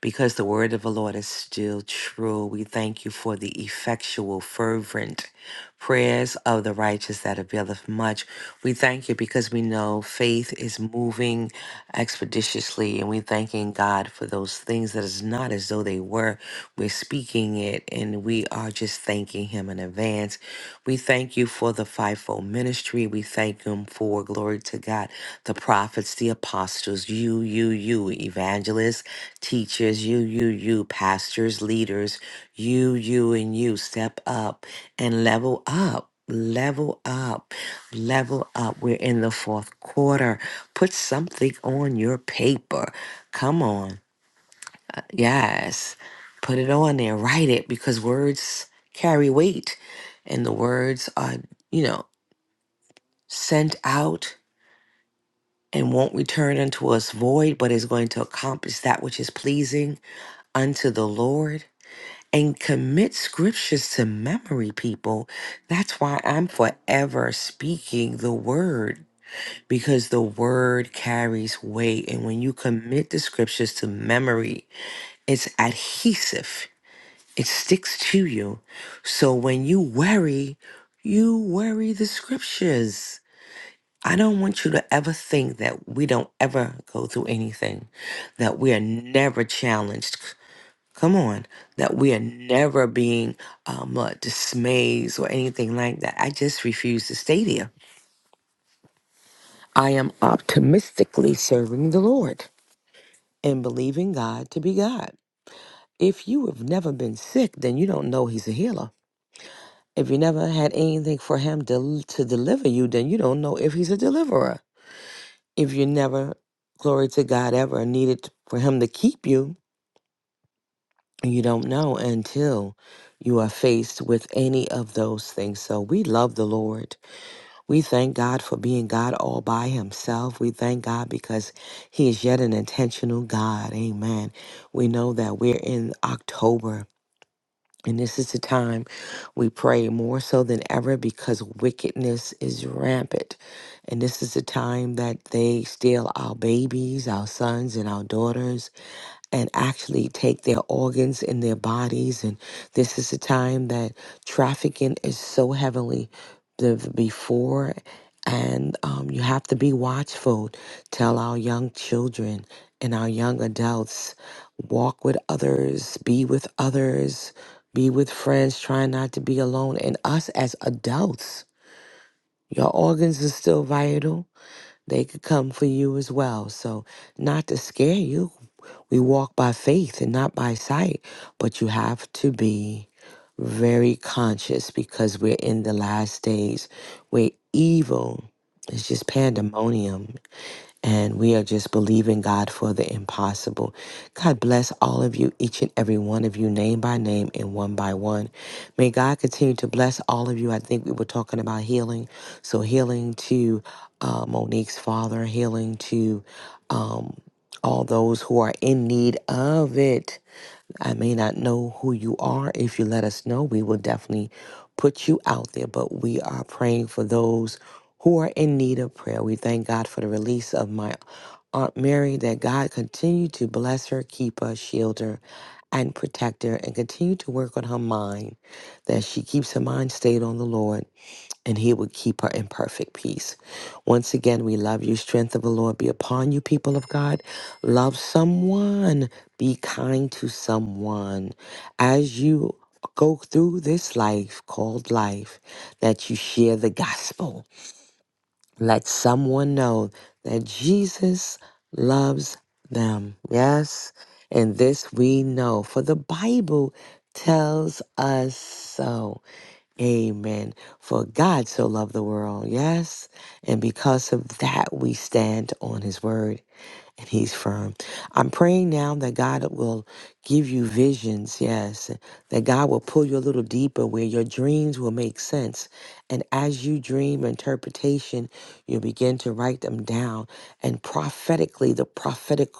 Speaker 2: Because the word of the Lord is still true. We thank you for the effectual, fervent. Prayers of the righteous that availeth much. We thank you because we know faith is moving expeditiously, and we thanking God for those things that is not as though they were. We're speaking it, and we are just thanking Him in advance. We thank you for the fivefold ministry. We thank Him for glory to God, the prophets, the apostles, you, you, you, evangelists teachers, you, you, you, pastors, leaders, you, you, and you step up and level up. Level up, level up. We're in the fourth quarter. Put something on your paper. Come on. Yes. Put it on there. Write it because words carry weight and the words are, you know, sent out and won't return unto us void, but is going to accomplish that which is pleasing unto the Lord and commit scriptures to memory, people. That's why I'm forever speaking the word because the word carries weight. And when you commit the scriptures to memory, it's adhesive, it sticks to you. So when you worry, you worry the scriptures. I don't want you to ever think that we don't ever go through anything, that we are never challenged come on, that we are never being um, uh, dismayed or anything like that. I just refuse to stay there. I am optimistically serving the Lord and believing God to be God. If you have never been sick, then you don't know He's a healer. If you never had anything for Him to, to deliver you, then you don't know if He's a deliverer. If you never, glory to God, ever needed for Him to keep you, You don't know until you are faced with any of those things. So we love the Lord. We thank God for being God all by himself. We thank God because he is yet an intentional God. Amen. We know that we're in October. And this is the time we pray more so than ever because wickedness is rampant. And this is the time that they steal our babies, our sons, and our daughters and actually take their organs in their bodies. And this is a time that trafficking is so heavily the- the before. And um, you have to be watchful. Tell our young children and our young adults walk with others, be with others, be with friends, try not to be alone. And us as adults, your organs are still vital they could come for you as well. So, not to scare you, we walk by faith and not by sight, but you have to be very conscious because we're in the last days where evil is just pandemonium and we are just believing God for the impossible. God bless all of you, each and every one of you, name by name and one by one. May God continue to bless all of you. I think we were talking about healing. So, healing to uh, Monique's father, healing to um, all those who are in need of it. I may not know who you are. If you let us know, we will definitely put you out there. But we are praying for those who are in need of prayer. We thank God for the release of my Aunt Mary, that God continue to bless her, keep her, shield her, and protect her, and continue to work on her mind, that she keeps her mind stayed on the Lord and he would keep her in perfect peace. Once again, we love you. Strength of the Lord be upon you, people of God. Love someone. Be kind to someone. As you go through this life called life, that you share the gospel let someone know that Jesus loves them. Yes. And this we know, for the Bible tells us so. Amen. For God so loved the world, yes, and because of that we stand on his word and he's firm. I'm praying now that God will give you visions, yes, that God will pull you a little deeper where your dreams will make sense. And as you dream interpretation, you'll begin to write them down. And prophetically, the prophetic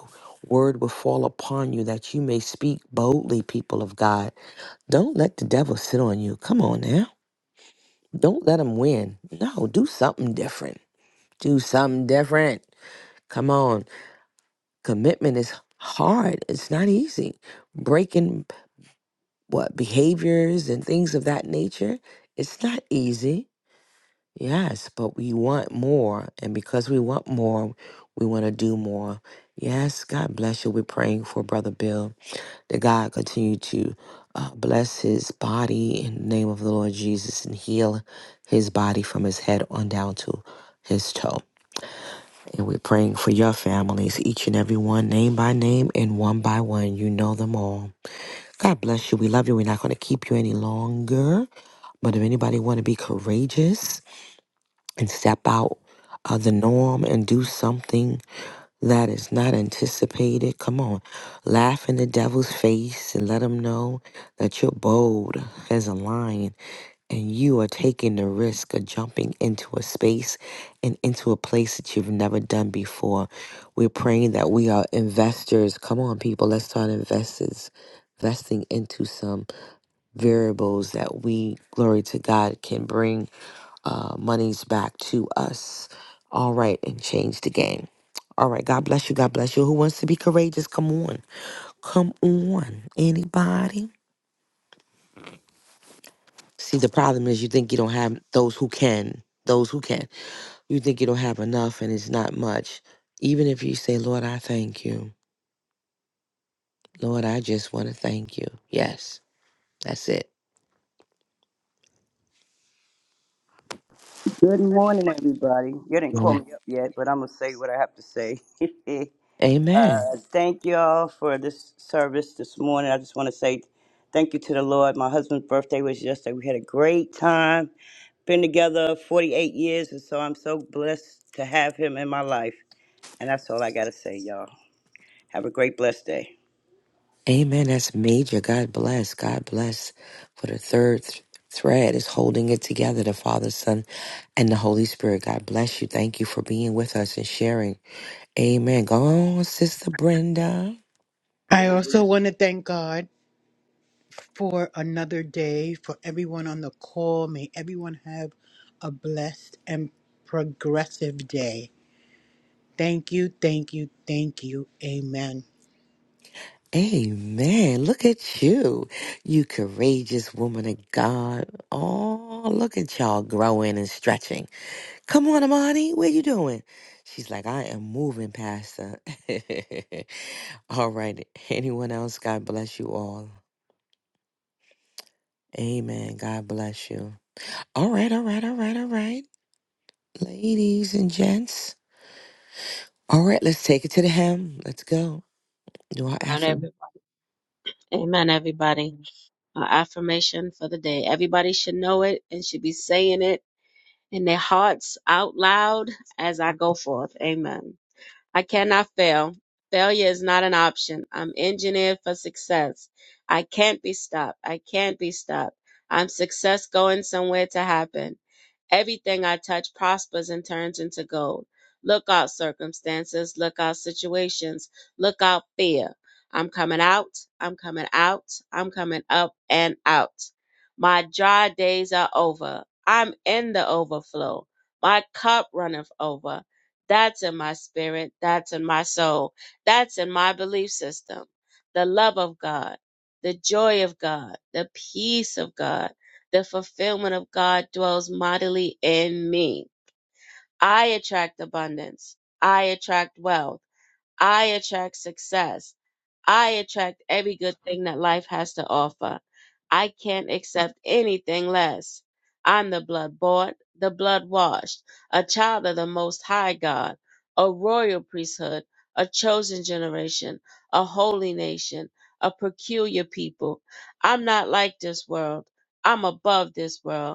Speaker 2: word will fall upon you that you may speak boldly, people of God. Don't let the devil sit on you. Come on now. Don't let him win. No, do something different. Do something different. Come on commitment is hard. It's not easy. Breaking what behaviors and things of that nature, it's not easy. Yes, but we want more. And because we want more, we want to do more. Yes, God bless you. We're praying for Brother Bill that God continue to uh, bless his body in the name of the Lord Jesus and heal his body from his head on down to his toe. And we're praying for your families, each and every one, name by name and one by one. You know them all. God bless you. We love you. We're not going to keep you any longer. But if anybody want to be courageous and step out of the norm and do something that is not anticipated. Come on, laugh in the devil's face and let him know that you're bold as a lion and you are taking the risk of jumping into a space and into a place that you've never done before. We're praying that we are investors. Come on, people, let's start investors. Investing into some variables that we, glory to God, can bring uh, monies back to us. All right, and change the game. All right, God bless you. God bless you. Who wants to be courageous? Come on. Come on. Anybody? See, the problem is you think you don't have those who can, those who can. You think you don't have enough and it's not much. Even if you say, Lord, I thank you. Lord, I just want to thank you. Yes, that's it.
Speaker 3: Good morning, everybody. You didn't call
Speaker 2: Yeah.
Speaker 3: me up yet, but I'm gonna say what I have to say. uh,
Speaker 2: Amen.
Speaker 3: thank you all for this service this morning. I just want to say thank you to the Lord. My husband's birthday was yesterday. We had a great time. Been together 48 years, and so I'm so blessed to have him in my life. And that's all I gotta say, y'all. Have a great blessed day.
Speaker 2: Amen. That's major. God bless. God bless for the third th- thread is holding it together. The Father, Son, And the Holy Spirit, God bless you. Thank you for being with us and sharing. Amen. Go on, Sister Brenda.
Speaker 6: I also want to thank God for another day, for everyone on the call. May everyone have a blessed and progressive day. Thank you, thank you, thank you. Amen.
Speaker 2: Amen. Look at you, you courageous woman of God. Oh, look at y'all growing and stretching. Come on, Amani, what you doing? She's like, I am moving, Pastor. all right. Anyone else? God bless you all. Amen. God bless you. All right, all right, all right, all right. Ladies and gents. All right, let's take it to the hem. Let's go. Do our
Speaker 1: Amen,
Speaker 2: affirm.
Speaker 1: everybody. Amen, everybody. Our affirmation for the day. Everybody should know it and should be saying it in their hearts out loud as I go forth. Amen. I cannot fail. Failure is not an option. I'm engineered for success. I can't be stopped. I can't be stopped. I'm success going somewhere to happen. Everything I touch prospers and turns into gold. Look out, circumstances. Look out, situations. Look out, fear. I'm coming out. I'm coming out. I'm coming up and out. My dry days are over. I'm in the overflow. My cup runneth over. That's in my spirit. That's in my soul. That's in my belief system. The love of God, the joy of God, the peace of God the fulfillment of God dwells mightily in me. I attract abundance. I attract wealth. I attract success. I attract every good thing that life has to offer. I can't accept anything less. I'm the blood bought, the blood washed, a child of the Most High God, a royal priesthood, a chosen generation, a holy nation, a peculiar people. I'm not like this world. I'm above this world.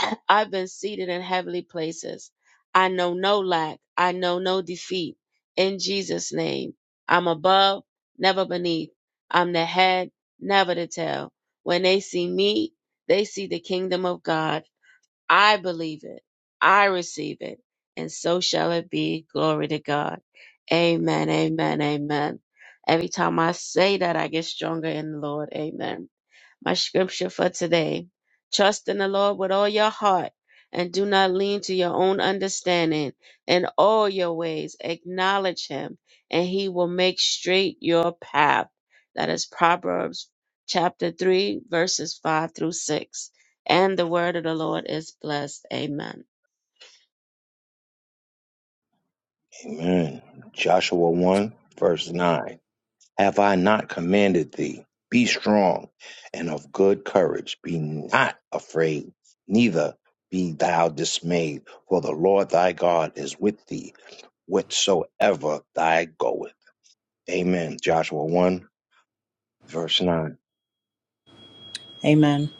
Speaker 1: I've been seated in heavenly places. I know no lack. I know no defeat. In Jesus' name, I'm above, never beneath. I'm the head, never the tail. When they see me, they see the kingdom of God. I believe it. I receive it. And so shall it be. Glory to God. Amen. Amen. Amen. Every time I say that, I get stronger in the Lord. Amen. My scripture for today Trust in the Lord with all your heart and do not lean to your own understanding. In all your ways, acknowledge him, and he will make straight your path. That is Proverbs chapter 3, verses 5 through 6. And the word of the Lord is blessed. Amen.
Speaker 5: Amen. Joshua one verse nine. Have I not commanded thee? Be strong and of good courage. Be not afraid, neither be thou dismayed, for the Lord thy God is with thee whatsoever thou goest. Amen. Joshua 1, verse 9.
Speaker 4: Amen.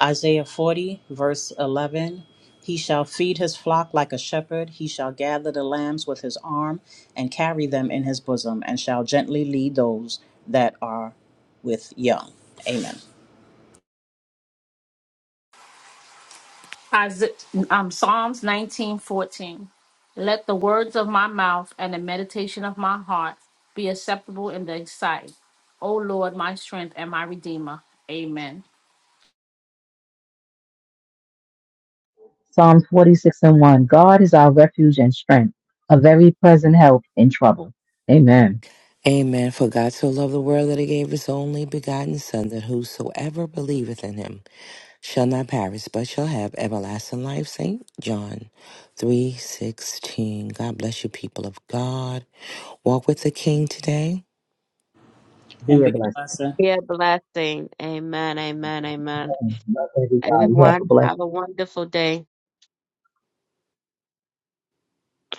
Speaker 4: Isaiah 40, verse 11. He shall feed his flock like a shepherd. He shall gather the lambs with his arm and carry them in his bosom, and shall gently lead those that are with young. Amen.
Speaker 7: Isa- um, Psalms nineteen fourteen. Let the words of my mouth and the meditation of my heart be acceptable in thy sight. O Lord, my strength and my redeemer. Amen.
Speaker 8: Psalms 46 and 1. God is our refuge and strength, a very present help in trouble. Amen.
Speaker 2: Amen. For God so loved the world that he gave his only begotten Son, that whosoever believeth in him shall not perish, but shall have everlasting life. St. John three sixteen. God bless you, people of God. Walk with the King today.
Speaker 4: And
Speaker 8: Be a
Speaker 4: be
Speaker 8: blessing.
Speaker 4: blessed.
Speaker 1: Be a blessing. Amen. Amen. Amen.
Speaker 8: Amen. Love everybody. Have a
Speaker 1: Everyone,
Speaker 8: blessed
Speaker 1: have a wonderful day.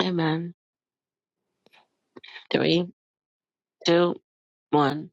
Speaker 1: Amen. Three, two, one.